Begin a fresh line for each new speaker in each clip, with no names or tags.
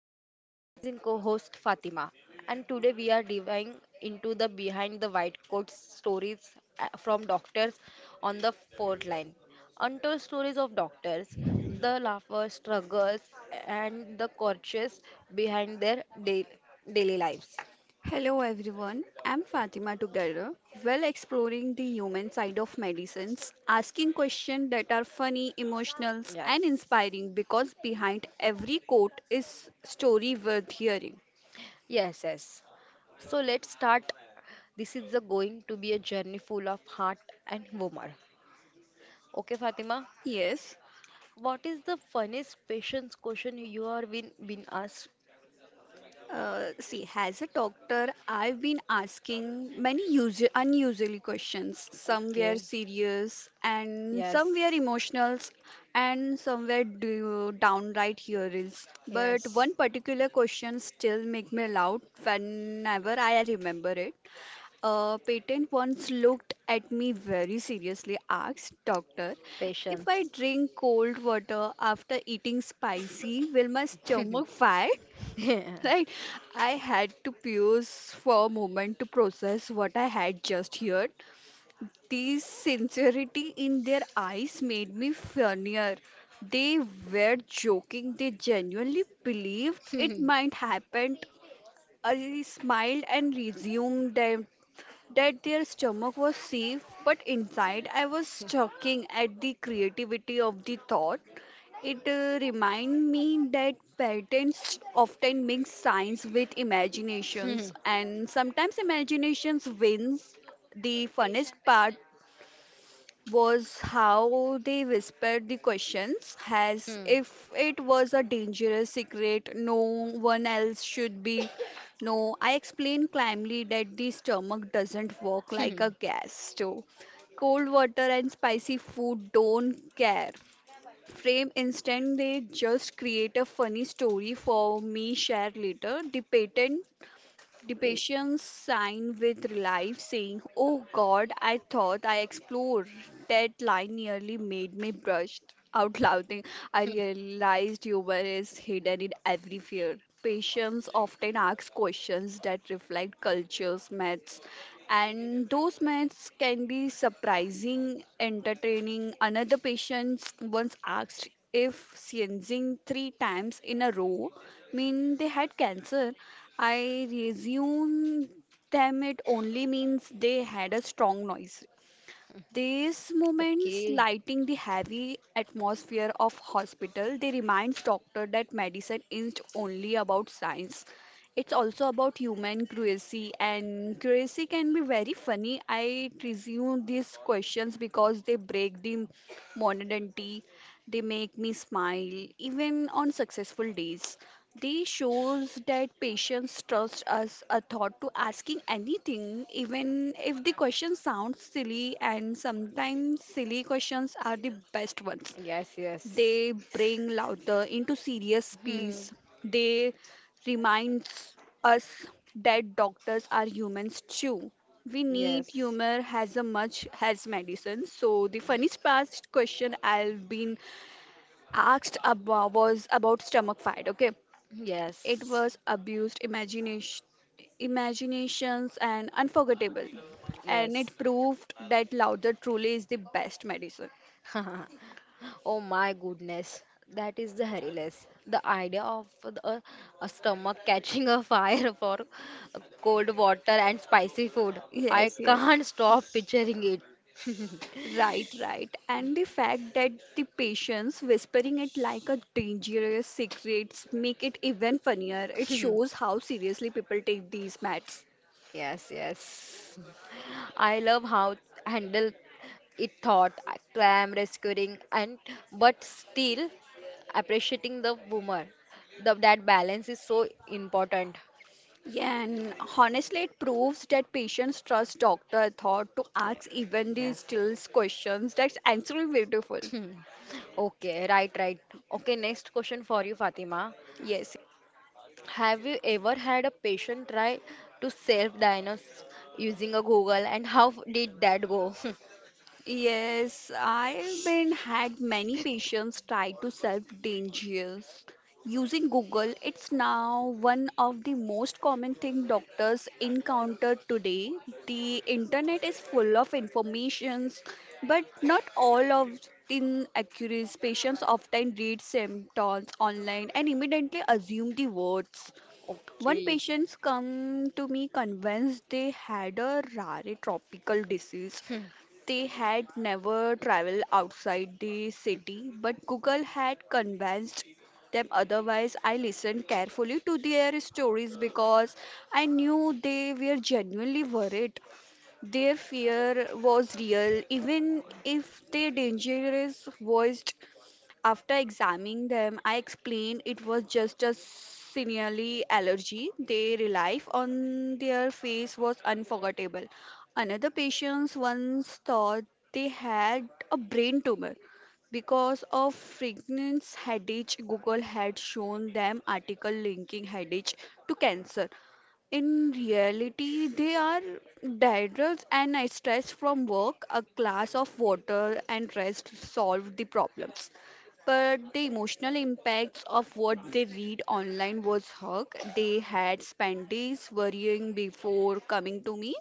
and with my amazing co-host Fatima. And today we are diving into the behind the white coat stories from doctors on the front line. Untold stories of doctors, the laughter, struggles, and the courtesies behind their daily lives.
Hello everyone, I'm Fatima together. Well, exploring the human side of medicines, asking questions that are funny, emotional,
Yes,
and inspiring because behind every quote is story worth hearing.
yes. So let's start. This is the going to be a journey full of heart and humor. Okay, Fatima.
Yes.
What is the funniest patience question you are been asked?
See, as a doctor, I've been asking many usual, unusually questions. Some were
Okay.
serious, and some
Yes,
were emotional, and some were downright hilarious. But
yes.
one particular question still makes me laugh whenever I remember it. A patient once looked at me very seriously, asked, "Doctor, if I
Patience.
drink cold water after eating spicy, will my stomach fire?"
Yeah.
Right? I had to pause for a moment to process what I had just heard. The sincerity in their eyes made me funnier. They were joking, they genuinely believed it
Hmm.
might happen. I smiled and resumed their that their stomach was safe, but inside I was chuckling at the creativity of the thought. It reminded me that patents often mix science with
Hmm.
imaginations, and sometimes imaginations wins. The funnest part was how they whispered the questions as
Hmm.
if it was a dangerous secret no one else should be. No, I explained calmly that the stomach doesn't work like
Hmm.
a gas stove, cold water and spicy food don't care frame instant, they just create a funny story for me share later. the patent the
Pa-
patients sign with relief, saying, "Oh God, I thought I explored." That line nearly made me burst out laughing. I
hmm.
realized humor is hidden in every fear. Patients often ask questions that reflect cultures, myths, and those myths can be surprising, entertaining. Another patient once asked if sneezing three times in a row mean they had cancer. I resume them, it only means they had a strong noise. These moments
Okay.
lighting the heavy atmosphere of hospital, they reminds doctor that medicine isn't only about science. It's also about human cruelty, and cruelty can be very funny. I resume these questions because they break the monotony, they make me smile even on successful days. They shows that patients trust us a thought to asking anything even if the question sounds silly, and sometimes silly questions are the best ones.
Yes, yes.
They bring laughter into serious
Hmm.
peace. They reminds us that doctors are humans too. We need
Yes.
humor as a much as medicine. So the funniest past question I've been asked about, was about stomach fight, okay, it
Yes.
was abused imagination, imaginations and unforgettable, and
Yes.
it proved that lauder truly is the best medicine.
Oh my goodness, that is the hilarious. The idea of a stomach catching a fire for cold water and spicy food. I
Yes.
can't stop picturing
Right, and the fact that the patients whispering it like a dangerous secrets make it even funnier, it
it.
shows how seriously people take these meds.
Yes, yes. I love how handle it thought clam rescuing and but still appreciating the boomer. That balance is so important.
Yeah, and honestly, it proves that patients trust doctor thought to ask even
Yes.
these stillest questions. That's actually beautiful.
Hmm. Okay, right, right. Okay, next question for you, Fatima.
Yes.
Have you ever had a patient try to self-diagnose using a Google, and how did that go?
Yes, I've been had many patients tied to self dangers. Using Google, it's now one of the most common thing doctors encounter today. The internet is full of informations, but not all of in accuracy. Patients often read symptoms online and immediately assume the words. One
Okay.
patient's come to me convinced they had a rare tropical disease.
Hmm.
They had never traveled outside the city, but Google had convinced them otherwise. I listened carefully to their stories because I knew they were genuinely worried. Their fear was real, even if their dangerous voice after examining them, I explained it was just a seasonal allergy. Their relief on their face was unforgettable. Another patient once thought they had a brain tumor because of frequent headache. Google had shown them article linking headache to cancer. In reality, they are daedrals and I stress from work. A glass of water and rest solved the problems. But the emotional impacts of what they read online was hug. They had spent days worrying before coming to me.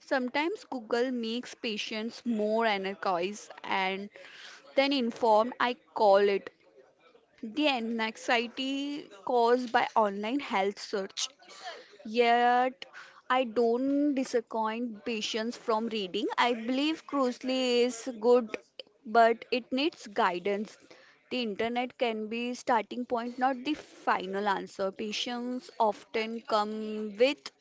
Sometimes Google makes patients more anarchized and then informed. I call it the anxiety caused by online health search. Yet, I don't disappoint patients from reading. I believe Cruisely is good, but it needs guidance. The internet can be starting point, not the final answer. Patients often come with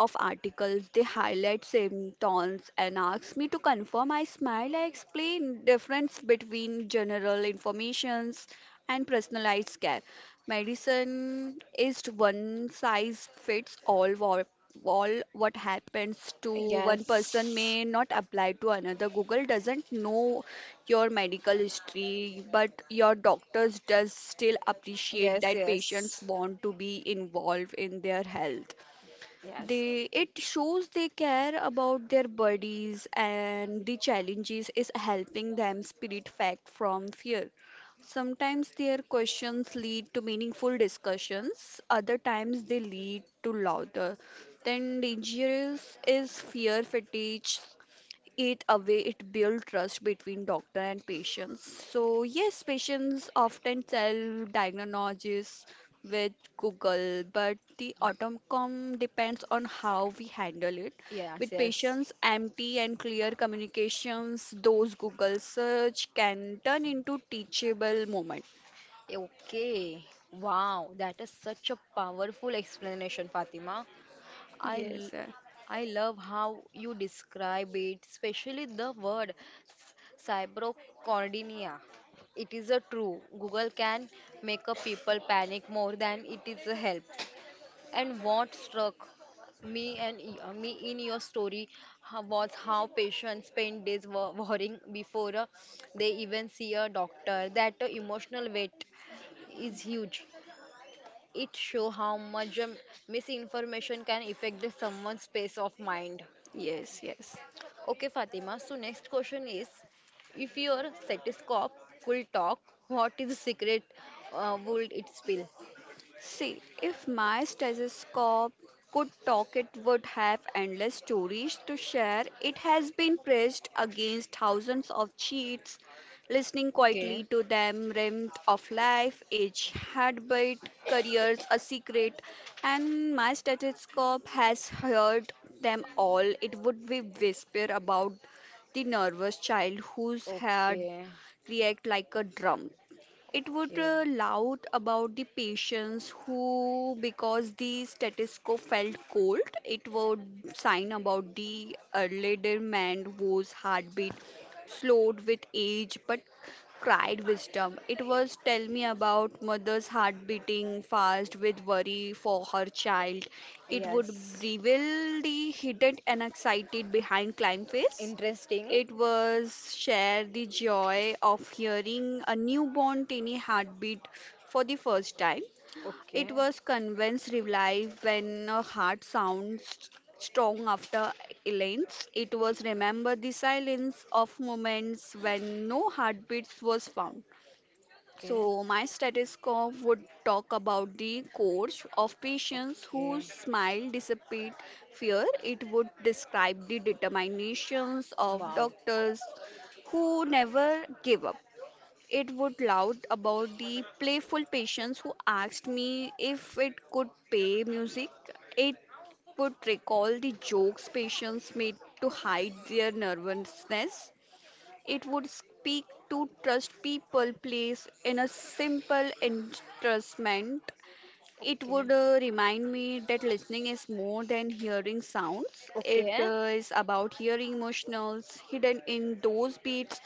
of articles. They highlight symptoms and ask me to confirm. I smile. I explain difference between general informations and personalized care. Medicine is one size fits all. All what happens to one person
Yes,
may not apply to another. Google doesn't know your medical history, but your doctors does still appreciate
yes,
that patients
yes,
want to be involved in their health.
yes.
They it shows they care about their bodies and the challenges is helping them spirit fact from fear. Sometimes their questions lead to meaningful discussions, other times they lead to louder. Then dangerous is fear fatigue, it away it build trust between doctor and patients. So yes, patients often tell diagnosis with google, but the outcome depends on how we handle it
Yes,
with
yes.
patients empty and clear communications, those google search can turn into teachable moment.
Okay. Wow, that is such a powerful explanation, Fatima. I, l-
yes uh,
I love how you describe it, especially the word s- cybercornia. It is a true. Google can make a people panic more than it is a help. And what struck me and me in your story was how patients spend days worrying before they even see a doctor. That emotional weight is huge it show how much misinformation can affect the someone's space of mind.
yes.
Okay, Fatima. So next question is, if your stethoscope could talk, what is the secret would it spill?
See, if my stethoscope could talk, it would have endless stories to share. It has been pressed against thousands of cheats, listening
Okay,
quietly to them, rhymed of life, age, heartbeat, careers, a secret, and my stethoscope has heard them all. It would be whisper about the nervous child whose head
okay,
react like a drum. It would
okay.
loud about the patients who, because the status quo felt cold, it would sign about the elderly man whose heartbeat slowed with age but cried wisdom. It was tell me about mother's heart beating fast with worry for her child. It would
Yes,
reveal the hidden anxiety behind climb face.
interesting.
It was share the joy of hearing a newborn tiny heartbeat for the first time. It
Okay,
was convince relief when a heart sounds strong after Elaine's. It was remember the silence of moments when no heartbeats was found.
okay,
So, my stethoscope would talk about the course of patients who
okay.
smile dissipate fear. It would describe the determinations of
Wow.
doctors who never give up. It would loud about the playful patients who asked me if it could pay music. It would recall the jokes patients made to hide their nervousness. It would speak to trust people place in a simple entrustment. It
Okay,
would remind me that listening is more than hearing sounds. It
okay,
is about hearing emotionals hidden in those beats.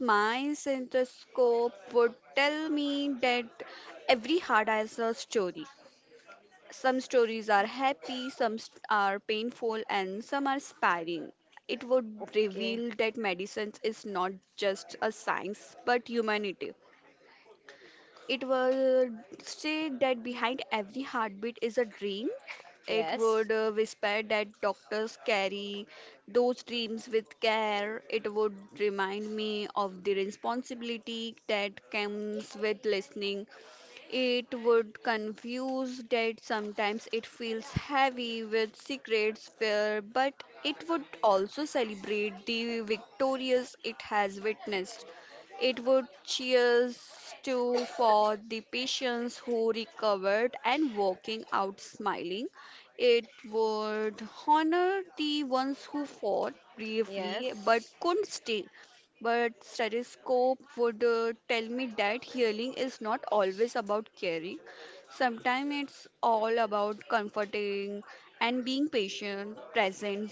My synthoscope would tell me that every heart has a story. Some stories are happy, are painful, and some are inspiring. It would
okay.
reveal that medicine is not just a science but humanity. It would say that behind every heartbeat is a dream. It
Yes.
would whisper that doctors carry those dreams with care. It would remind me of the responsibility that comes with listening, it would confuse that sometimes it feels heavy with secrets fear, but it would also celebrate the victorious it has witnessed. It would cheers to for the patients who recovered and walking out smiling. It would honor the ones who fought bravely but
Yes,
couldn't stay, but stethoscope would tell me that healing is not always about caring. Sometimes it's all about comforting and being patient, present.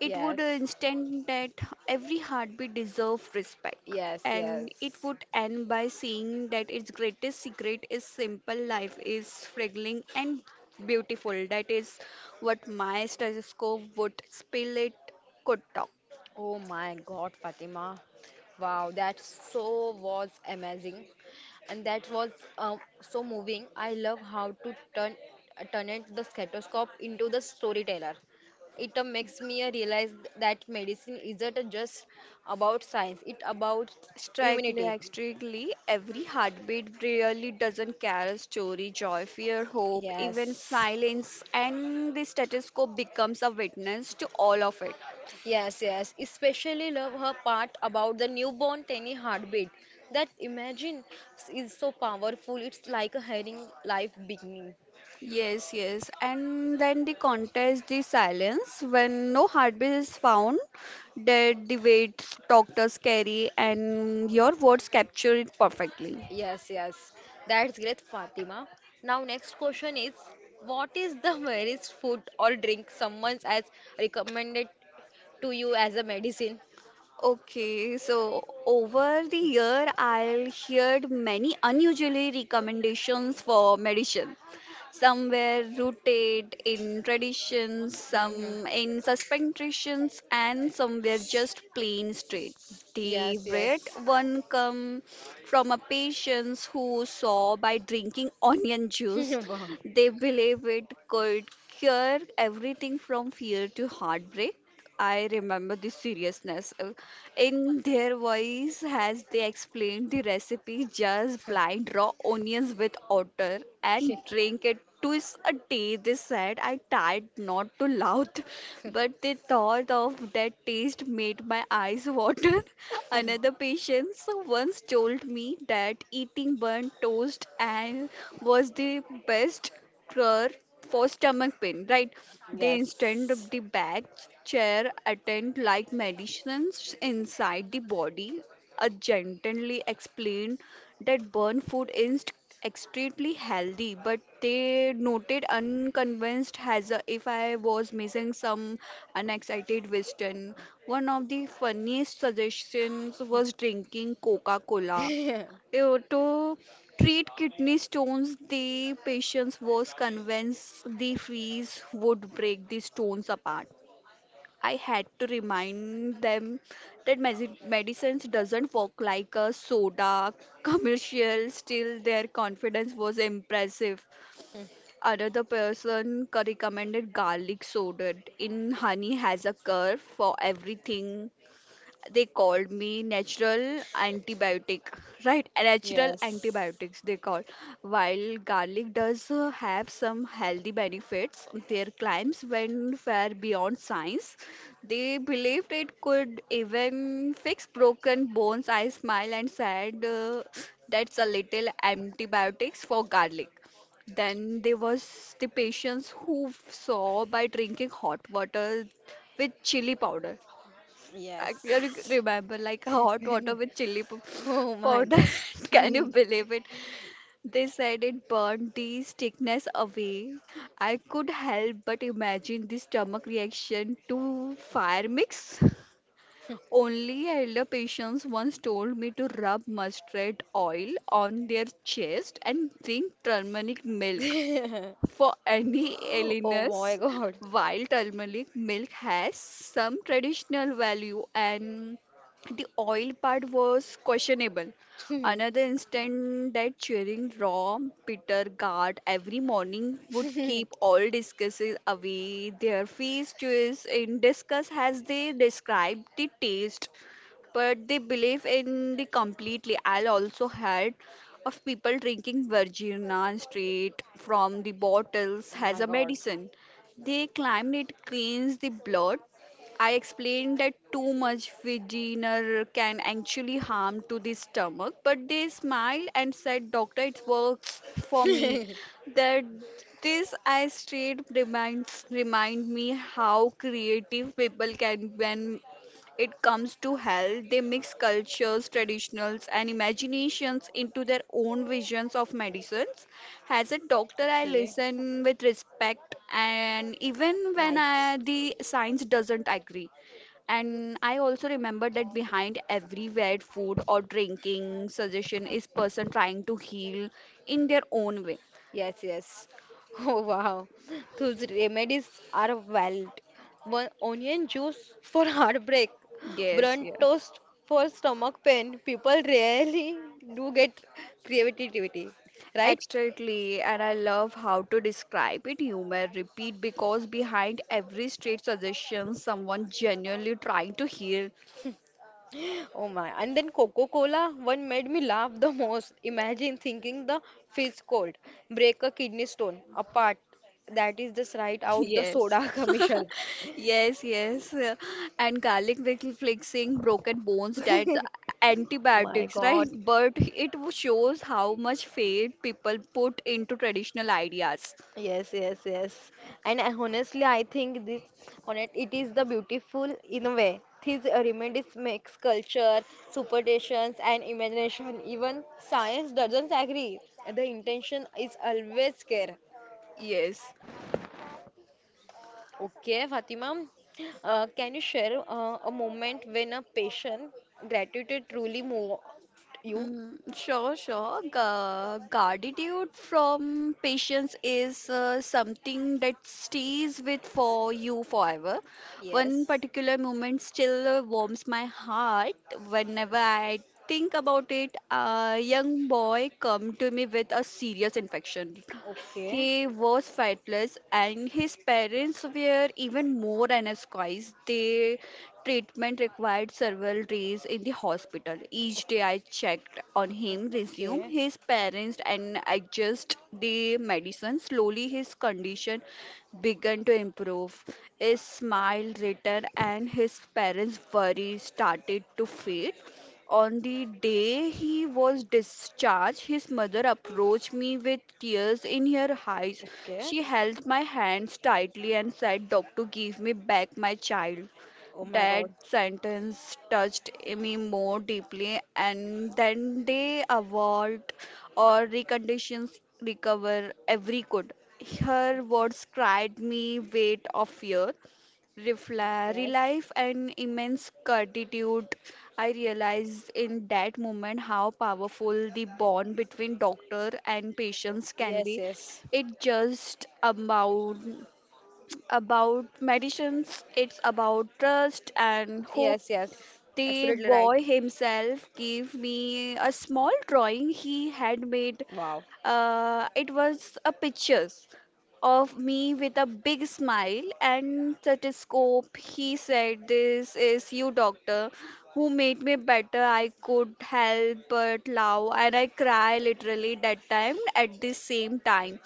It would
yes,
instant that every heartbeat deserves respect.
yes,
And it
yes.
would end by saying that its greatest secret is simple, life is fragile and beautiful. That is what my stethoscope would spill it could talk.
Oh my God, Fatima. Wow, that so was amazing. And that was so moving. I love how to turn turn it the stethoscope into the storyteller. It makes me realize that medicine isn't just about science, it about
Strictly,
immunity.
like, strictly, every heartbeat really doesn't care a story, joy, fear, hope, even
Yes.
silence, and the stethoscope becomes a witness to all of it.
Yes, yes. Especially love her part about the newborn tiny heartbeat. That imagine is so powerful. It's like a hearing life beginning.
Yes, yes, and then the contest, the silence, when no heartbeat is found, dead the weight doctors carry, and your words capture it perfectly.
Yes, yes. That's great, Fatima. Now next question is, what is the rarest food or drink someone has recommended to you as a medicine?
Okay, so over the year, I heard many unusually recommendations for medicine. Some were rooted in traditions,
Hmm.
some in suspensions, and some were just plain straight. The
Yes,
red
yes.
one come from a patient who saw by drinking onion juice.
Wow.
They believe it could cure everything from fear to heartbreak. I remember the seriousness in their voice as they explained the recipe, just blind raw onions with otter and
Okay.
drink it twice a day. They said I tried not to laugh, but the thought of that taste made my eyes water. Another patient once told me that eating burnt toast and was the best crore for stomach pain, right? They instead of
Yes.
the back chair attend like medicines inside the body. A gently explained that burnt food is extremely healthy, but they noted unconvinced has a, if I was missing some unexcited western. One of the funniest suggestions was drinking Coca-Cola to treat kidney stones, the patient was convinced the freeze would break the stones apart. I had to remind them that medicines doesn't work like a soda commercial. Still, their confidence was impressive. Another person recommended garlic soda in honey has a cure for everything. They called me natural antibiotic, right? A natural
Yes.
antibiotics they call. While garlic does have some healthy benefits, their claims went far beyond science. They believed it could even fix broken bones. I smiled and said, that's a little antibiotics for garlic. Then there was the patients who saw by drinking hot water with chili powder. I can
Yes.
remember like a hot water with
Oh my
powder.
God.
Can you believe it? They said it burned the sickness away. I could help but imagine the stomach reaction to fire mix. Only elder patients once told me to rub mustard oil on their chest and drink turmeric milk. For any
Oh my
illness,
God.
while turmeric milk has some traditional value and the oil part was questionable. Another instance that cheering raw bitter gourd every morning would keep all discusses away. Their feast is in discuss as they describe the taste, but they believe in the completely. I also had of people drinking virginia straight from the bottles
Oh
as
my
a
God.
medicine. They claim it cleans the blood. I explained that too much virginia can actually harm to the stomach, but they smiled and said, doctor, it works for me. That this I straight remind me how creative people can when it comes to health. They mix cultures, traditionals, and imaginations into their own visions of medicines. As a doctor, I
Okay.
listen with respect, and even when
Nice.
I, the science doesn't agree. And I also remember that behind every weird food or drinking suggestion is person trying to heal in their own way.
Yes, yes. Oh wow. Those remedies are wild. One onion juice for heartbreak,
Yes,
burnt
yeah.
toast for stomach pain. People really do get creativity, right?
Exactly, and I love how to describe it humor repeat because behind every straight suggestion someone genuinely trying to hear.
Oh my. And then Coca-Cola one made me laugh the most. Imagine thinking the fizz cold, break a kidney stone apart. That is just right out the
Yes.
soda commercial.
Yes, yes, and flexing broken bones, that's
My
antibiotics, right?
God.
But it shows how much faith people put into traditional ideas.
Yes. And honestly, I think it is the beautiful in a way. These remedies makes culture, superstitions, and imagination. Even science doesn't agree. The intention is always care.
Yes.
Okay, Fatima, can you share a moment when a patient gratitude truly moved you?
Mm, sure, sure. Gratitude from patience is something that stays with for you forever. One
Yes.
particular moment still warms my heart whenever I think about it. A young boy come to me with a serious infection.
Okay,
He was fightless, and his parents were even more anesthetized. Their treatment required several days in the hospital. Each day I checked on him, resumed
okay,
his parents, and adjust the medicine. Slowly, his condition began to improve. His smile returned, and his parents' worry started to fade. On the day he was discharged, his mother approached me with tears in her eyes.
okay.
She held my hands tightly and said, "Doctor, give me back my child."
Oh my
That
God.
sentence touched me more deeply, and then they award or reconditions recover every good. Her words cried me weight of fear.
Yes,
Relief and immense gratitude. I realized in that moment how powerful the bond between doctor and patients can
yes,
be.
yes,
It just about medicines. It's about trust and hope.
yes.
The
Absolutely right.
boy himself gave me a small drawing he had made.
Wow,
It was a pictures of me with a big smile and stethoscope. He said, "This is you, doctor, who made me better. I could help but love." And I cry literally that time at the same time.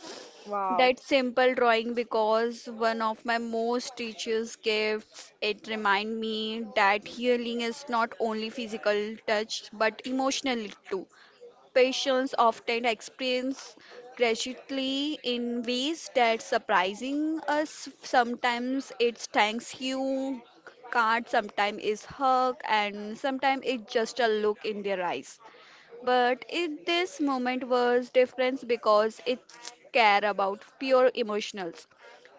wow.
That simple drawing because one of my most teachers' gifts. It remind me that healing is not only physical touch but emotional too. Patients often experience gradually in ways that surprising us. Sometimes it's thanks you card, sometimes it's hug, and sometimes it's just a look in their eyes. But in this moment was different because it's care about pure emotionals.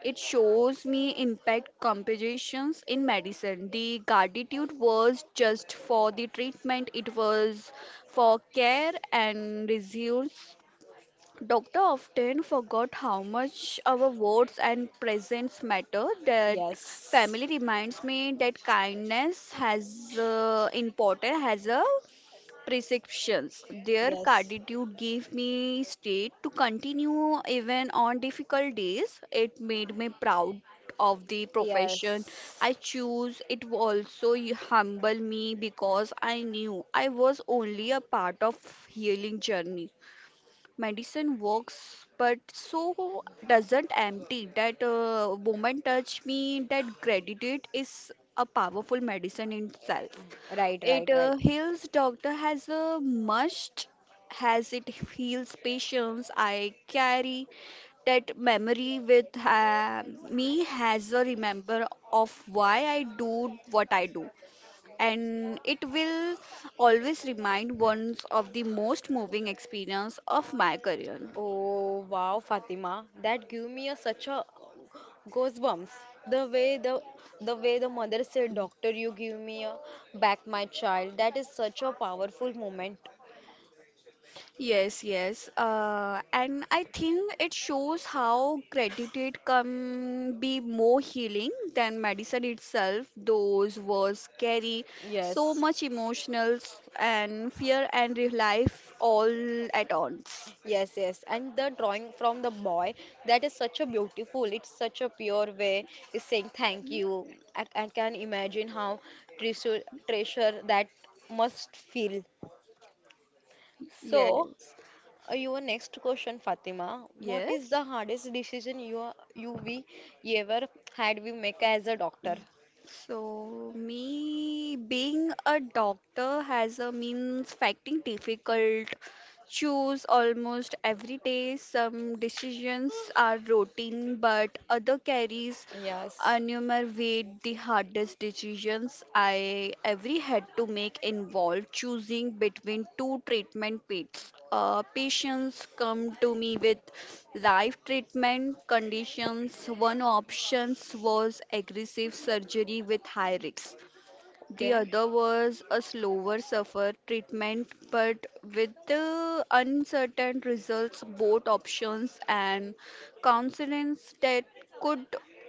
It shows me impact compositions in medicine. The gratitude was just for the treatment, it was for care and results. Doctor often forgot how much our words and presence matter. That
Yes,
family reminds me that kindness has important has a prescriptions. Their
yes,
gratitude gave me strength to continue even on difficult days. It made me proud of the profession
yes.
I choose. It also humble me because I knew I was only a part of healing journey. Medicine works, but so doesn't empty. That woman touched me. That gratitude is a powerful medicine in itself.
Right,
It
right, right.
heals doctor has a must has it heals patients. I carry that memory with me has a remember of why I do what I do. And it will always remind ones of the most moving experience of my career.
Oh wow, Fatima, that gave me such a goosebumps. The way the the way the mother said, "Doctor, you give me back my child." That is such a powerful moment.
Yes, yes. And I think it shows how gratitude can be more healing than medicine itself. Those words carry so
Yes,
much emotional s- and fear and real life all at once.
yes. And the drawing from the boy, that is such a beautiful. It's such a pure way. Is saying thank you. I can imagine how treasure treasure that must feel. So.
Yes,
Your next question, Fatima. What is
yes.
the hardest decision you are- you we ever had we make as a doctor?
So, me being a doctor has a means facting difficult. Choose almost every day. Some decisions are routine, but other carries
Yes.
unumer weight. The hardest decisions I ever had to make involved choosing between two treatment paths. Patients come to me with life treatment conditions. One option was aggressive surgery with high risks. The
Okay.
other was a slower suffer treatment, but with the uncertain results, both options and counselings that could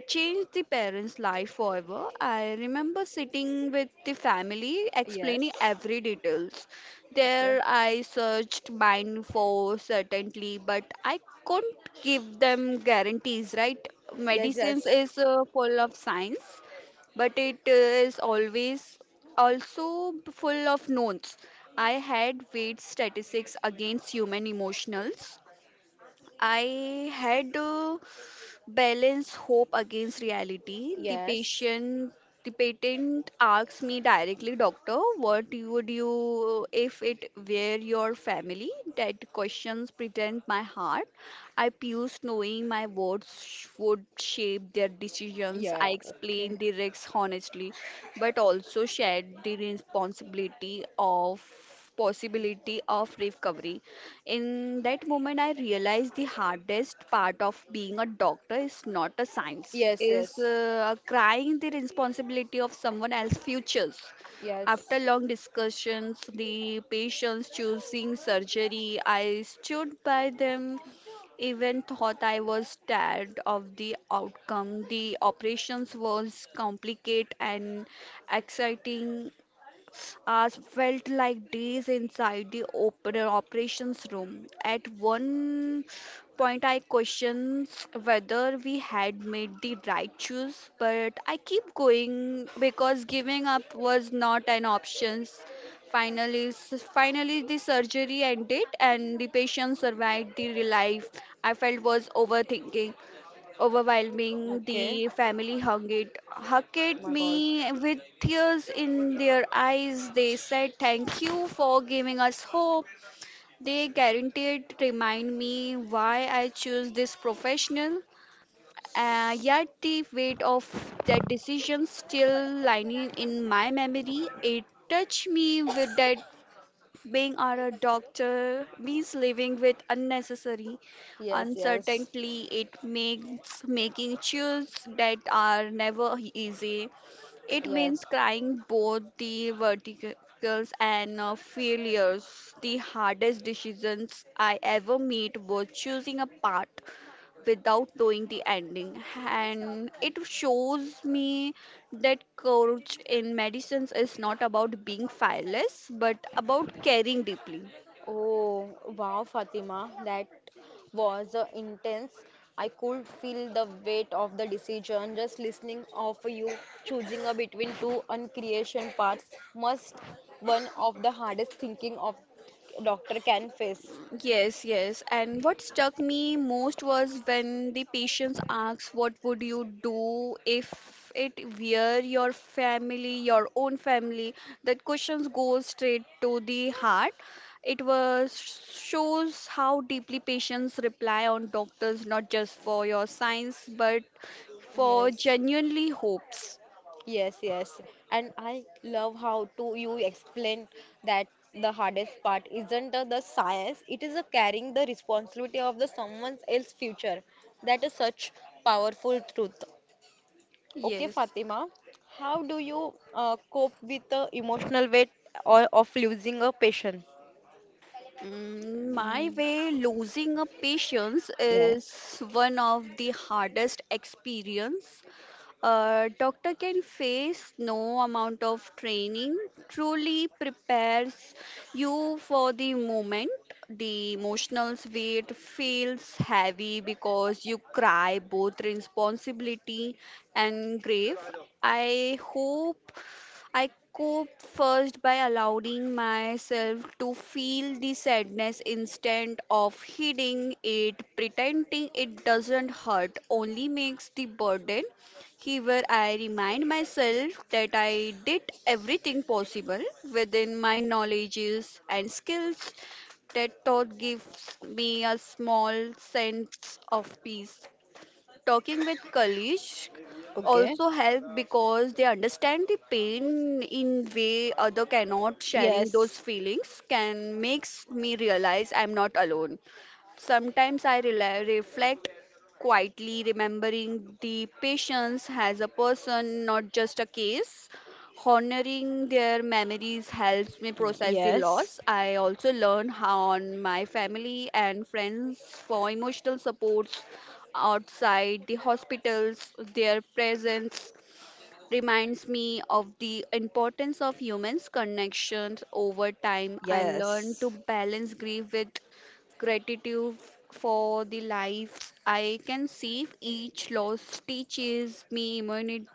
change the parents' life forever. I remember sitting with the family
Yes.
explaining every details.
Okay.
There I searched mine for certainty, but I couldn't give them guarantees, right?
Yes.
Medicines
Yes.
is full of science but it is always also full of notes. I had weight statistics against human emotionals, I had to balance hope against reality. The
Yes.
patient, the patent asks me directly, doctor, what you would you if it were your family? That questions pretend my heart. I puse knowing my would shape their decisions. I
Yeah. Okay.
explained the risks honestly, but also shared the responsibility of possibility of recovery. In that moment, I realized the hardest part of being a doctor is not a science,
Yes.
is
Yes.
crying the responsibility of someone else's futures.
Yes.
After long discussions, the patients choosing surgery, I stood by them even thought I was tired of the outcome. The operations was complicated and exciting hours felt like days inside the operations room. At one point, I questioned whether we had made the right choice, but I keep going because giving up was not an option. Finally, the surgery ended and the patient survived the relief I felt was overthinking overwhelming.
Okay.
The hugged
Oh
it
my God.
me with tears in their eyes. They said, "Thank you for giving us hope." They guaranteed remind me why I choose this professional. Yet the weight of that decision still lining in my memory. It touched me with that being our a doctor means living with unnecessary
Yes. Yes.
uncertainty. It makes making choices that are never easy. It
Yes.
means crying both the verticals and failures. The hardest decisions I ever made was choosing a path without knowing the ending and it shows me that courage in medicines is not about being fearless but about caring deeply.
Oh, wow, Fatima, that was intense. I could feel the weight of the decision just listening of you choosing between two uncreation paths must one of the hardest thinking of doctor can face.
Yes, yes, and what struck me most was when the patients asked, what would you do if it were your family, your own family? That questions go straight to the heart. It was shows how deeply patients rely on doctors, not just for your science but for
Yes.
genuinely hopes.
Yes, yes. And I love how to you explain that the hardest part isn't the science, it is carrying the responsibility of the someone else's future. That is such powerful truth. Okay,
Yes.
Fatima, how do you cope with the emotional weight or of losing a patient?
Mm, my
Mm,
way, losing a patience is
yes.
one of the hardest experience a doctor can face. No amount of training truly prepares you for the moment. The emotional weight feels heavy because you cry both responsibility and grief. I hope I cope first by allowing myself to feel the sadness instead of hiding it. Pretending it doesn't hurt, only makes the burden here. I remind myself that I did everything possible within my knowledges and skills. That thought gives me a small sense of peace. Talking with colleagues
Okay.
also help because they understand the pain in way other cannot. Sharing
Yes.
those feelings can makes me realize I'm not alone. Sometimes I rela reflect quietly, remembering the patience as a person, not just a case. Honoring their memories helps me
Mm,
process the
yes.
loss. I also learn how on my family and friends for emotional supports outside the hospitals. Their presence reminds me of the importance of humans' connections over time. I learned
Yes.
to balance grief with gratitude for the life I can see. Each loss teaches me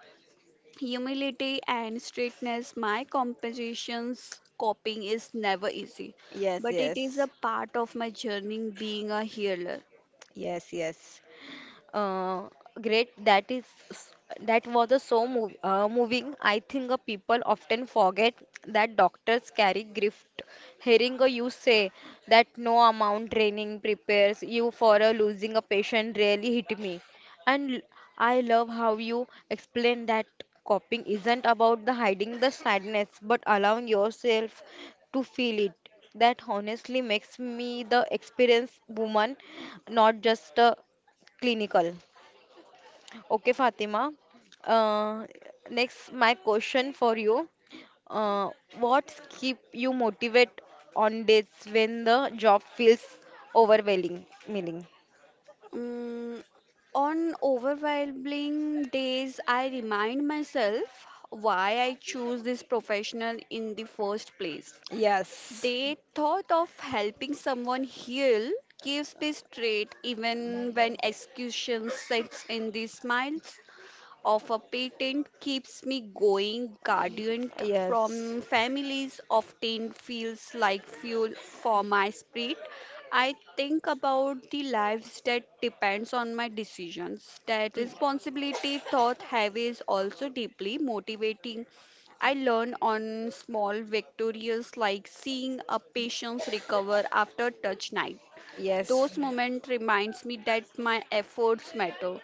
humility and straightness. My compensations coping is never easy,
Yes.
but it is a
Yes.
part of my journey being a healer.
Yes. Yes. Uh, great that is that was a so moving. I think people often forget that doctors carry gift hearing you say that no amount training prepares you for losing a patient really hit me and I love how you explain that coping isn't about the hiding the sadness but allowing yourself to feel it that honestly makes me the experienced woman not just a clinical. Okay, Fatima. Uh, next, my question for you. Uh, what keep you motivated on days when the job feels overwhelming? Meaning,
Mm, on overwhelming days, I remind myself why I chose this professional in the first place.
Yes.
The thought of helping someone heal, gives me straight even when execution sets in the smiles of a patent keeps me going. Guardian
Yes,
from families often feels like fuel for my spirit. I think about the lives that depends on my decisions. That
Y-
responsibility thought have is also deeply motivating. I learn on small victories like seeing a patient recover after touch night.
yes,
Those moments reminds me that my efforts matter.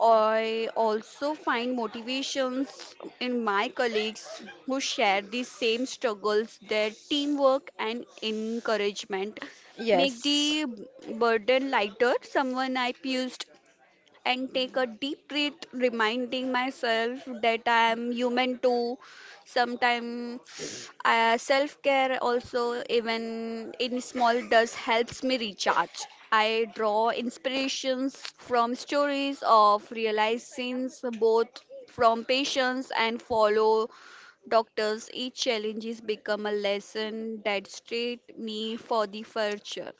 I also find motivations in my colleagues who share the same struggles. Their teamwork and encouragement make
yes,
the burden lighter. Someone I pushed and take a deep breath, reminding myself that I am human too. Sometimes self care also, even in small does, helps me recharge. I draw inspirations from stories of realizations, both from patients and follow doctors. Each challenges become a lesson that straight me for the future.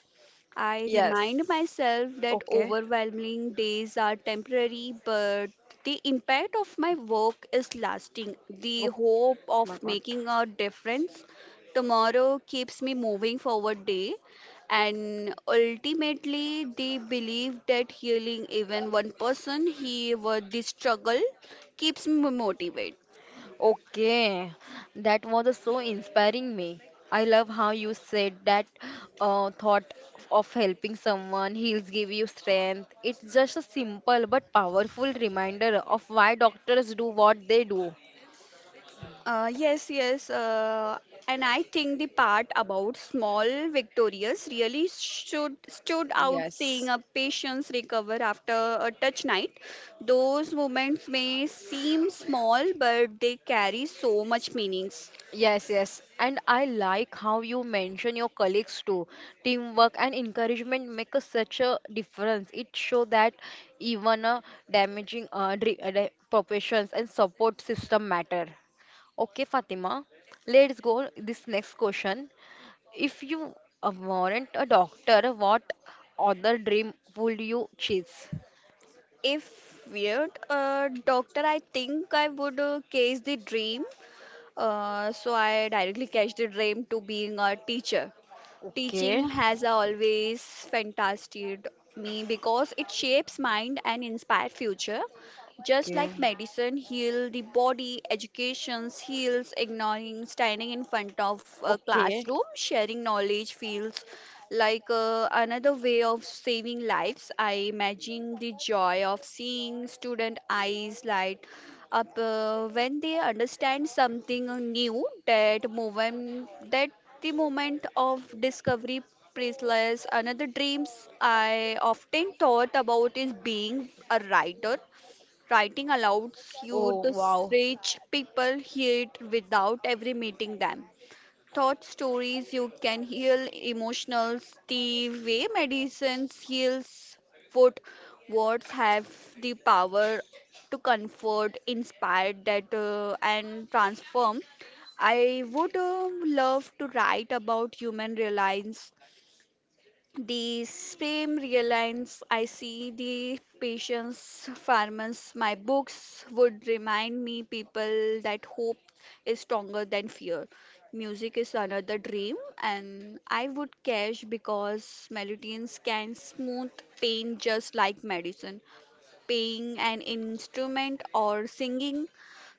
I
yes.
remind myself that
Okay.
overwhelming days are temporary, but the impact of my work is lasting. The
Oh
hope
my
of
God.
making a difference tomorrow keeps me moving forward day, and ultimately the belief that healing even one person here with the struggle keeps me motivated.
Okay, that was so inspiring me. I love how you said that thought of helping someone heals give you strength. It's just a simple but powerful reminder of why doctors do what they do.
Uh, yes, yes. Uh, and I think the part about small victorious really should stood out, seeing
Yes.
a patient's recover after a touch night. Those moments may seem small, but they carry so much meanings.
Yes, yes. And I like how you mention your colleagues too. Teamwork and encouragement make such a difference. It shows that even professions and support system matter. Okay, Fatima, let's go this next question. If you weren't a doctor, what other dream would you chase?
If weird, doctor, I think I would case the dream. So I directly catch the dream to being a teacher.
Okay,
Teaching has always fantasized me because it shapes mind and inspires future. Just
Okay.
like medicine heal the body, education heals ignoring standing in front of a
Okay.
classroom, sharing knowledge feels like another way of saving lives. I imagine the joy of seeing student eyes light up when they understand something new. That moment, that the moment of discovery priceless another dreams I often thought about is being a writer. Writing allows you
Oh,
to reach people here without ever meeting them. Thought stories, you can heal emotionals the way medicines heals what words have the power to comfort, inspire that and transform. I would love to write about human reliance, the same reliance I see the patients, farmers, my books would remind me people that hope is stronger than fear. Music is another dream, and I would cash because melodies can smooth pain just like medicine. Playing an instrument or singing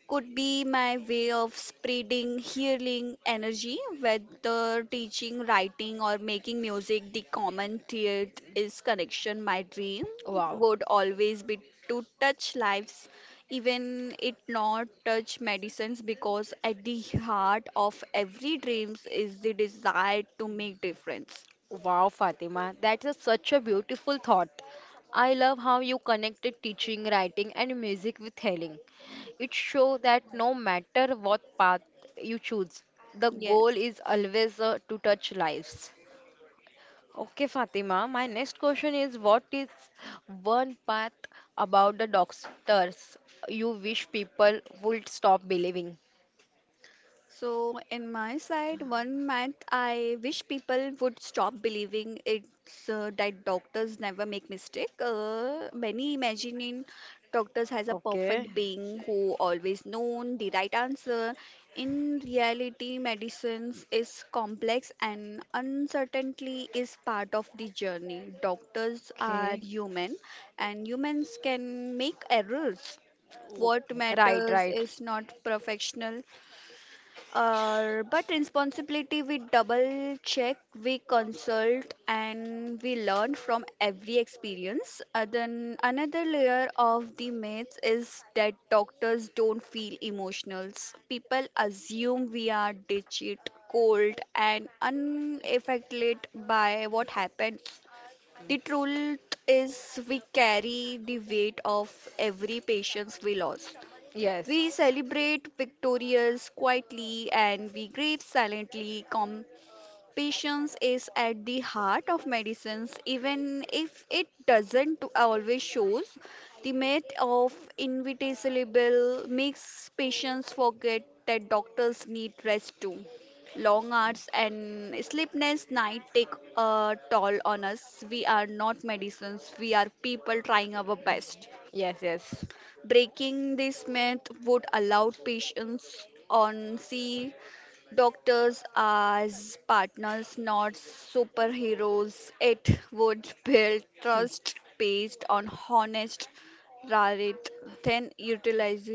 could be my way of spreading healing energy, whether teaching, writing, or making music. The common thread is connection. My dream
wow,
would always be to touch lives, even it not touch medicines, because at the heart of every dreams is the desire to make difference.
wow, Fatima. That is such a beautiful thought. I love how you connected teaching, writing, and music with healing. It shows that no matter what path you choose, the goal
Yes.
is always to touch lives. Okay, Fatima, my next question is what is one path about the doctors you wish people would stop believing?
So, in my side, one math I wish people would stop believing it's that doctors never make mistake. Many imagining doctors as a
Okay,
perfect being who always known the right answer. In reality, medicines is complex and uncertainty is part of the journey. Doctors are
okay.
human, and humans can make errors.
Oh,
What
right,
matters
right.
is not professional but responsibility. We double check, we consult, and we learn from every experience. Then another layer of the myths is that doctors don't feel emotionals. People assume we are digit, cold, and unaffected by what happens. The truth is, we carry the weight of every patient we lost.
Yes,
We celebrate victorious quietly and we grieve silently. Compassion is at the heart of medicines, even if it doesn't always shows. The myth of inevitable makes patients forget that doctors need rest too. Long hours and sleepless night take a toll on us. We are not medicines, we are people trying our best.
yes.
Breaking this myth would allow patients on see doctors as partners, not superheroes. It would build
Hmm.
trust based on honest, rather than utilize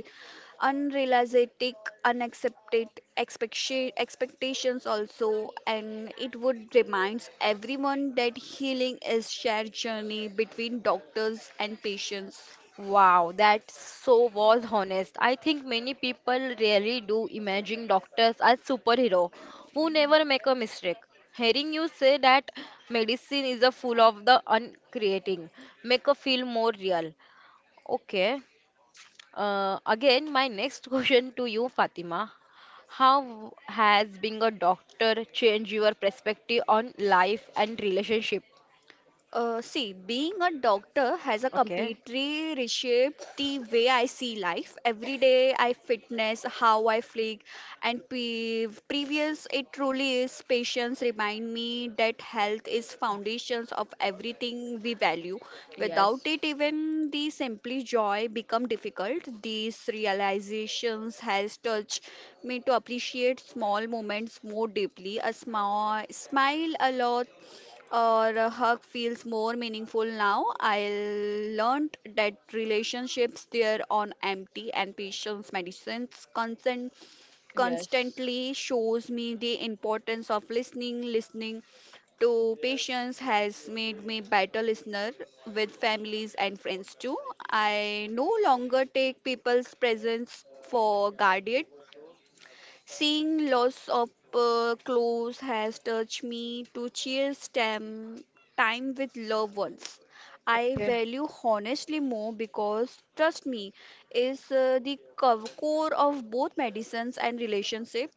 unrealistic, unaccepted expectations also, and it would reminds everyone that healing is shared journey between doctors and patients.
Wow, that so was honest. I think many people really do imagine doctors as superhero who never make a mistake. Hearing you say that medicine is a full of the uncreating, make a feel more real. Okay. Again, my next question to you, Fatima. How has being a doctor changed your perspective on life and relationship?
See, being a doctor has a
Okay.
completely reshaped the way I see life. Every day, I fitness, how I flick, and previous it truly is. Patients remind me that health is foundations of everything we value. Without
Yes,
it, even the simply joy become difficult. These realizations has touched me to appreciate small moments more deeply. A small smile, a lot or a hug feels more meaningful now. I learned that relationships there on empty and patience medicines consent
yes,
constantly shows me the importance of listening. Listening to patience has made me better listener with families and friends too. I no longer take people's presence for granted. Seeing lots of clothes has touched me to cherish time, time with loved ones. I
okay.
value honestly more because trust me is the core of both medicines and relationship.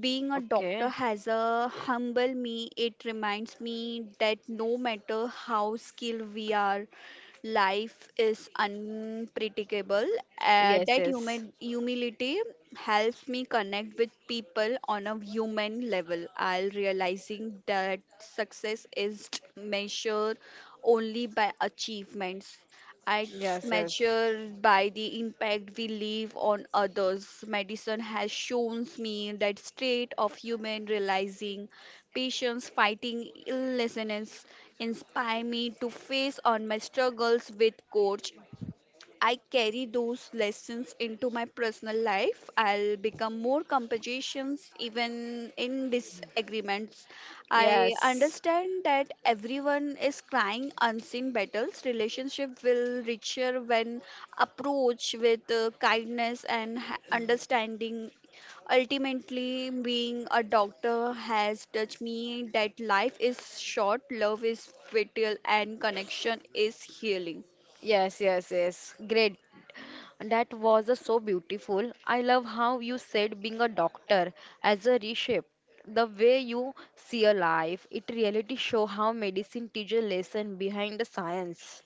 Being a doctor
Okay.
has a humble me. It reminds me that no matter how skilled we are, life is unpredictable. Uh,
Yes,
that
yes.
human humility helps me connect with people on a human level. I'll realizing that success is measured only by achievements, it's
Yes, yes.
measured by the impact we leave on others. Medicine has shown me that state of human realizing patients fighting illnesses inspire me to face on my struggles with coach. I carry those lessons into my personal life. I'll become more competitions even in disagreements. I
Yes.
understand that everyone is crying unseen battles. Relationship will richer when approached with kindness and understanding. Ultimately, being a doctor has touched me that life is short, love is fatal, and connection is healing.
Yes. Great. That was so beautiful. I love how you said being a doctor as a reshape. The way you see a life, it really show how medicine teaches a lesson behind the science.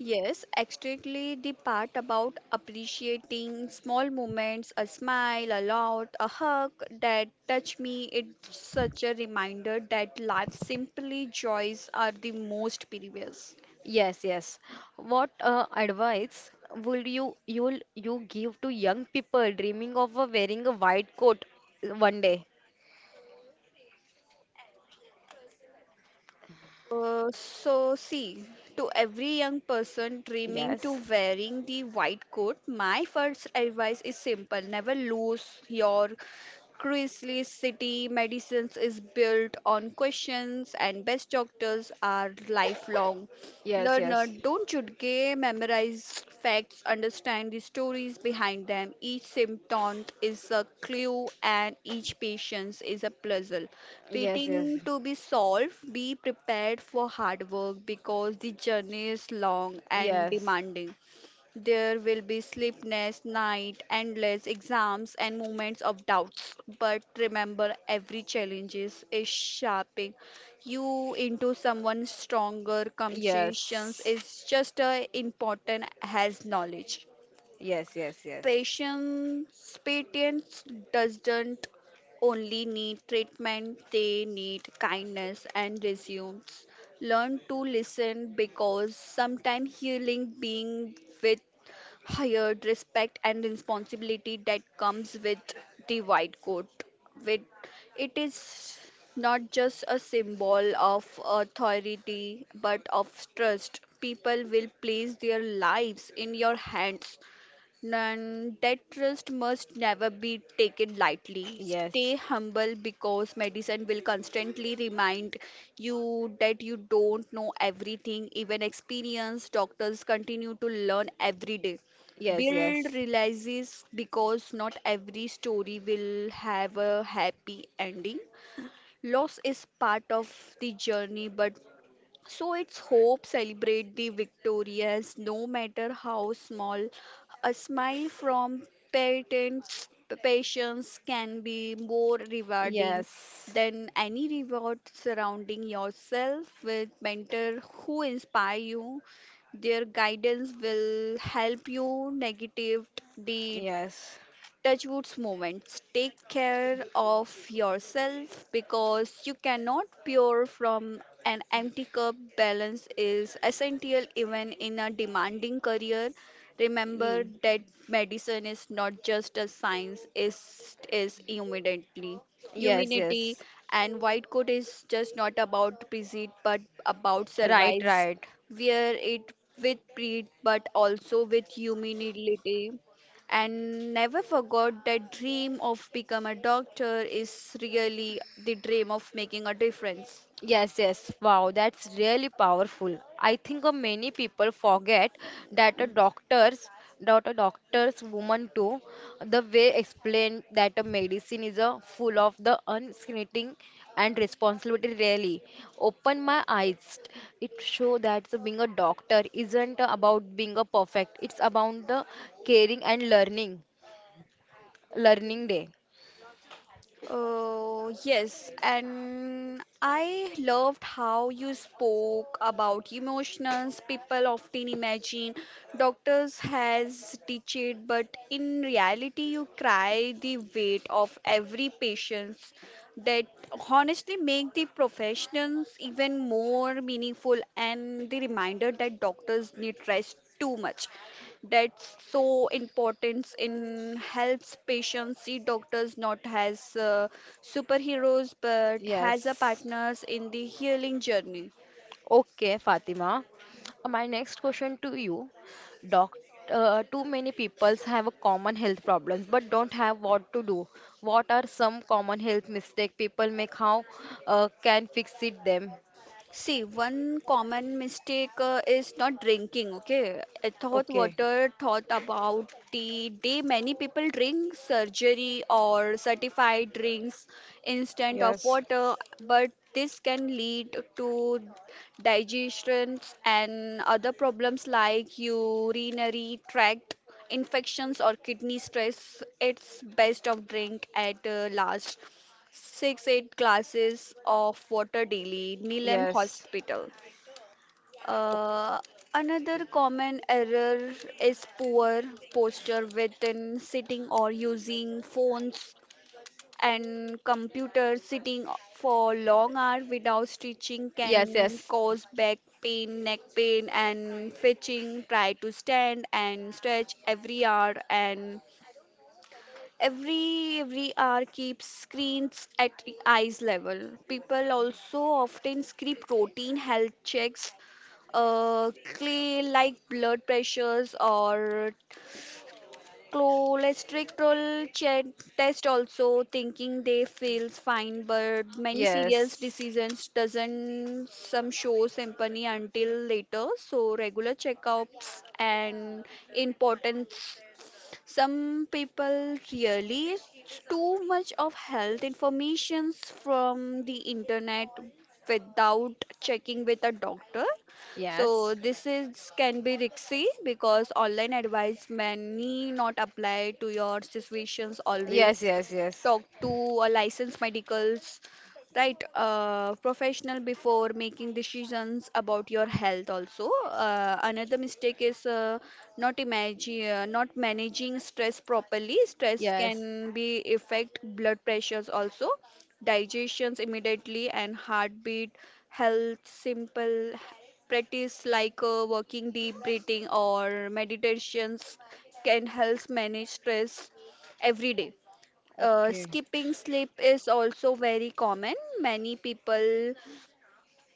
Yes, exactly the part about appreciating small moments, a smile, a lot, a hug, that touch me. It's such a reminder that life's simply joys are the most precious.
Yes, yes. What advice would you give to young people dreaming of wearing a white coat one day?
So see, to every young person dreaming to
Yes.
wearing the white coat, my first advice is simple. Never lose your Chrisley City. Medicines is built on questions and best doctors are lifelong.
Yes,
Learner,
yes.
don't just memorize facts, understand the stories behind them. Each symptom is a clue and each patient is a puzzle.
Yes, yes.
Waiting to be solved, be prepared for hard work because the journey is long and
Yes.
demanding. There will be sleepless night, endless exams, and moments of doubts. But remember, every challenge is shaping you into someone stronger. Conversations
Yes.
is just as important as knowledge.
Yes.
Patients doesn't only need treatment, they need kindness and resumes. Learn to listen because sometimes healing being with hired respect and responsibility that comes with the white coat. With it is not just a symbol of authority but of trust. People will place their lives in your hands and that trust must never be taken lightly.
Yes,
Stay humble because medicine will constantly remind you that you don't know everything. Even experienced doctors continue to learn every day.
yes,
Build
yes.
realizes because not every story will have a happy ending. Loss is part of the journey, but so it's hope. Celebrate the victorious, no matter how small. A smile from parents, patients can be more rewarding than any reward. Surrounding yourself with mentor who inspire you, their guidance will help you navigate the
Yes,
Touchwood's moments. Take care of yourself because you cannot pour from an empty cup.
yes,
Balance is essential even in a demanding career. Remember
Ye-
that medicine is not just a science, it is immediately
yes,
humanity,
yes.
and white coat is just not about prestige but about
Right,
survives.
right.
Wear it with pride but also with humility, and never forgot that dream of become a doctor is really the dream of making a difference.
Yes, yes. Wow, that's really powerful. I think many people forget that a doctor's that a doctor's woman too, the way explained that a medicine is a full of the unscreening and responsibility really open my eyes. It show that the being a doctor isn't about being a perfect. It's about the caring and learning. Learning day.
Yes, and I loved how you spoke about emotions. People often imagine doctors has teached, but in reality, you cry the weight of every patient. That honestly make the professions even more meaningful, and the reminder that doctors need rest too much, that's so important in helps patients see doctors not as superheroes but as a
Yes.
partners in the healing journey.
Okay, Fatima. My next question to you. Doc, too many people have a common health problems but don't have what to do. What are some common health mistakes people make? How can fix it them?
See, one common mistake is not drinking okay I thought
Okay.
water thought about the day. Many people drink surgery or certified drinks instead of
Yes.
water, but this can lead to digestions and other problems like urinary tract infections or kidney stress. It's best of drink at last 6 8 glasses of water daily Nilam
Yes.
hospital. uh, Another common error is poor posture within sitting or using phones and computer. Sitting for long hours without stretching
Yes,
can
yes.
cause back pain, neck pain, and fetching. Try to stand and stretch every hour, and every hour keeps screens at the eyes level. People also often skip routine health checks, clay like blood pressures or cholesterol test also, thinking they feels fine, but many serious diseases doesn't some show sympathy until later. So regular checkups and importance. Some people really too much of health informations from the internet
Yes.
without checking with a doctor,
Yes.
so this is can be risky because online advice may not apply to your situations
Yes,
always.
yes, yes.
Talk to a licensed medicals, right, professional before making decisions about your health also. Another mistake is not managing stress properly. Stress
Yes.
can be affect blood pressures also, digestions immediately and heartbeat health simple. Practice like walking deep breathing or meditations can help manage stress every day.
Okay.
Skipping sleep is also very common. Many people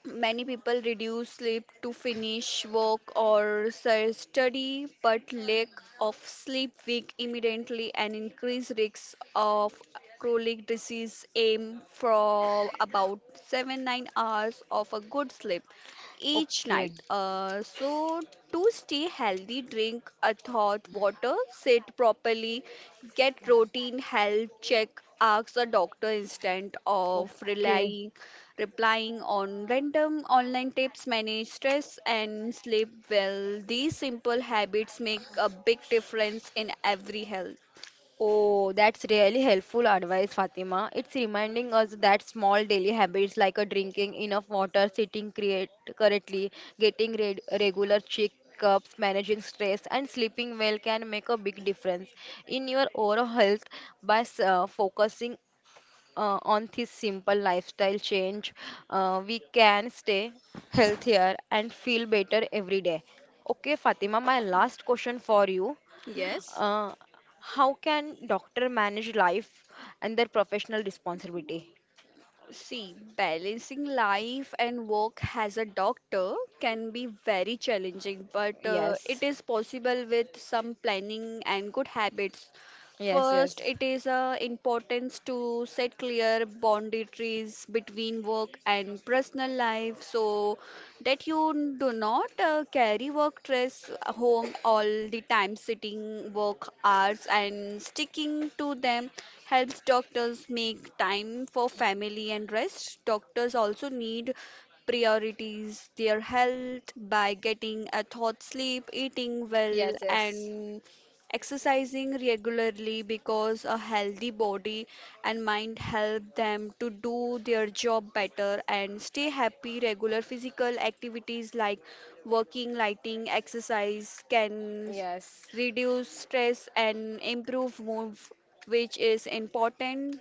Many people reduce sleep to finish work or study, but lack of sleep weak immediately and increased risks of chronic disease. Aim for about 7-9 hours of a good sleep each
Okay.
night. So to stay healthy, drink a thought water, sit properly, get routine health check, ask a doctor instead of
Okay.
relying replying on random online tips, manage stress, and sleep well. These simple habits make a big difference in every health.
Oh, that's really helpful advice, Fatima. It's reminding us that small daily habits like a drinking enough water, sitting create correctly, getting re regular checkups, managing stress, and sleeping well can make a big difference in your overall health by focusing on this simple lifestyle change. We can stay healthier and feel better every day. Okay, Fatima, my last question for you.
Yes.
Uh, how can doctor manage life and their professional responsibility?
See, balancing life and work as a doctor can be very challenging, but it
Yes,
is possible with some planning and good habits.
yes,
First,
yes.
it is importance to set clear boundaries between work and personal life, so that you do not carry work stress home all the time. Sitting work hours and sticking to them helps doctors make time for family and rest. Doctors also need priorities their health by getting a thought sleep, eating well,
Yes, yes,
and exercising regularly, because a healthy body and mind help them to do their job better and stay happy. Regular physical activities like walking, lighting, exercise can
yes,
reduce stress and improve mood, which is important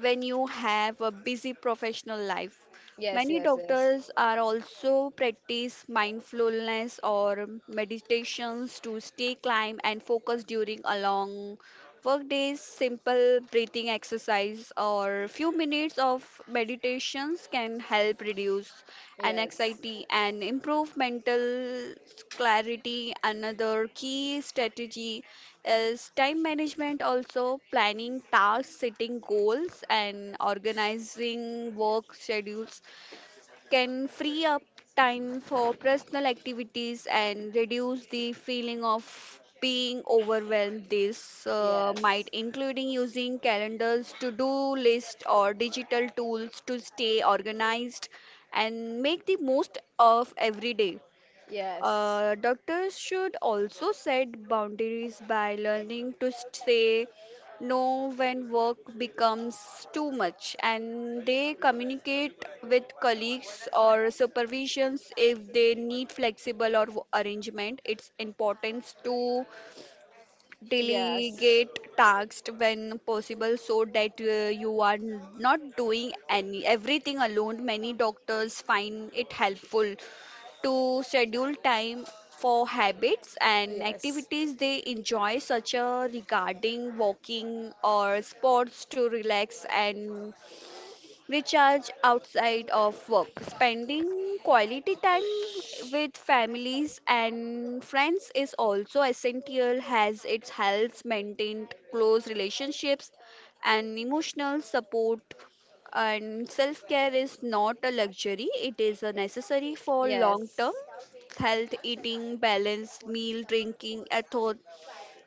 when you have a busy professional life.
yes,
Many
yes, yes,
doctors are also practice mindfulness or meditations to stay calm and focused during a long work days. Simple breathing exercise or few minutes of meditations can help reduce anxiety and improve mental clarity. Another key strategy is time management. Also, planning tasks, setting goals, and organizing work schedules can free up time for personal activities and reduce the feeling of being
yes.
overwhelmed. This might
Yes,
including using calendars to do list or digital tools to stay organized and make the most of every day.
yes,
Doctors should also set boundaries by learning to say no when work becomes too much, and they communicate with colleagues or supervisions if they need flexible or arrangement. It's important to
yes,
delegate tasks when possible so that you are not doing any everything alone. Many doctors find it helpful to schedule time for habits and
yes,
activities they enjoy, such as regarding walking or sports, to relax and recharge outside of work. Spending quality time with families and friends is also essential, as it helps maintain close relationships and emotional support, and self-care is not a luxury, it is a necessary for
yes,
long-term health. Eating balanced meal, drinking ethos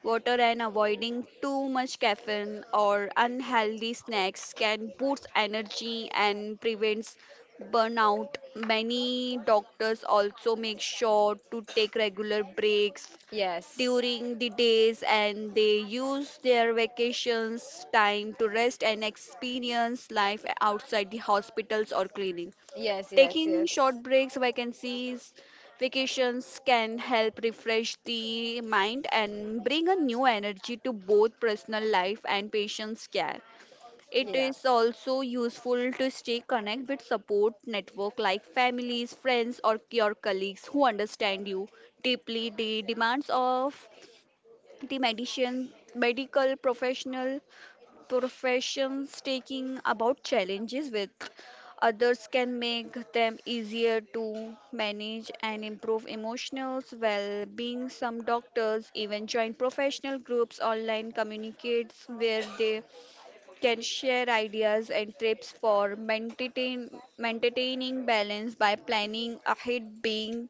water, and avoiding too much caffeine or unhealthy snacks can boost energy and prevents burnout. Many doctors also make sure to take regular breaks
yes,
during the days, and they use their vacations time to rest and experience life outside the hospitals or clinics.
yes, yes,
Taking
yes. yes.
short breaks, vacations can help refresh the mind and bring a new energy to both personal life and patient's care. It
Yeah,
is also useful to stay connected with support network like families, friends, or your colleagues who understand you deeply. The demands of the medical professional professions, taking about challenges with others can make them easier to manage and improve emotional well-being. Some doctors even join professional groups online communicates where they can share ideas and tips for maintaining balance. By planning ahead, being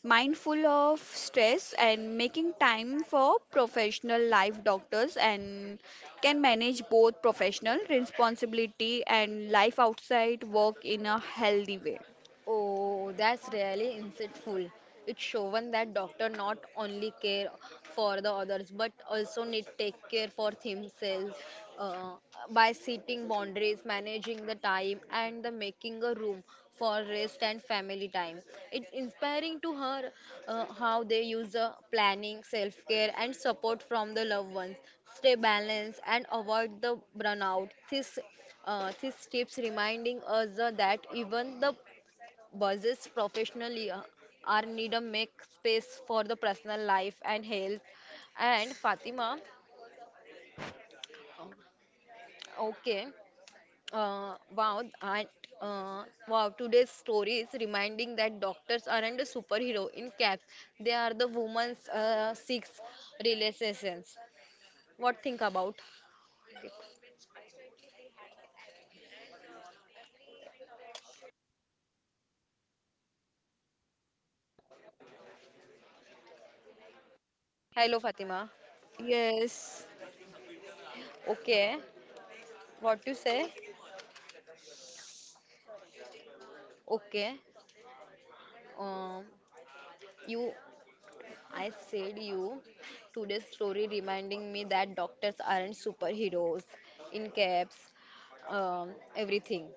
mindful of stress, and making time for professional life, doctors and can manage both professional responsibility and life outside work in a healthy way.
oh, that's really insightful. It's shown that doctor not only care for the others but also need take care for themselves uh, by setting boundaries, managing the time, and the making a room for rest and family time. It's inspiring to her how they use the planning, self care, and support from the loved ones. Stay balanced and avoid the burnout. This these tips reminding us that even the versus professionally are need to make space for the personal life and health. And Fatima, um, okay, uh, wow, and wow, today's story is reminding that doctors aren't a superhero in caps; they are the woman's six relations. What think about? Hello, Fatima.
Yes.
Okay, what you say? Okay, um, you I said you. Today's story reminding me that doctors aren't superheroes in caps, everything.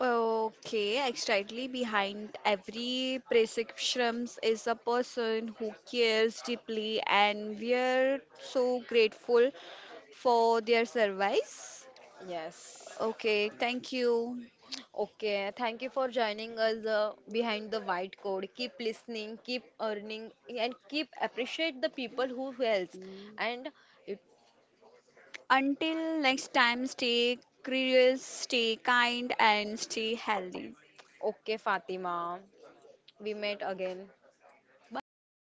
Okay, exactly. Behind every prescription is a person who cares deeply, and we are so grateful for their service.
Yes.
Okay, thank you.
Okay. Thank you for joining us behind the white code. Keep listening, keep earning, and keep appreciate the people who helps.
Mm.
And it,
Until next time, stay curious, stay kind, and stay healthy.
okay, Fatima. We met again. Bye.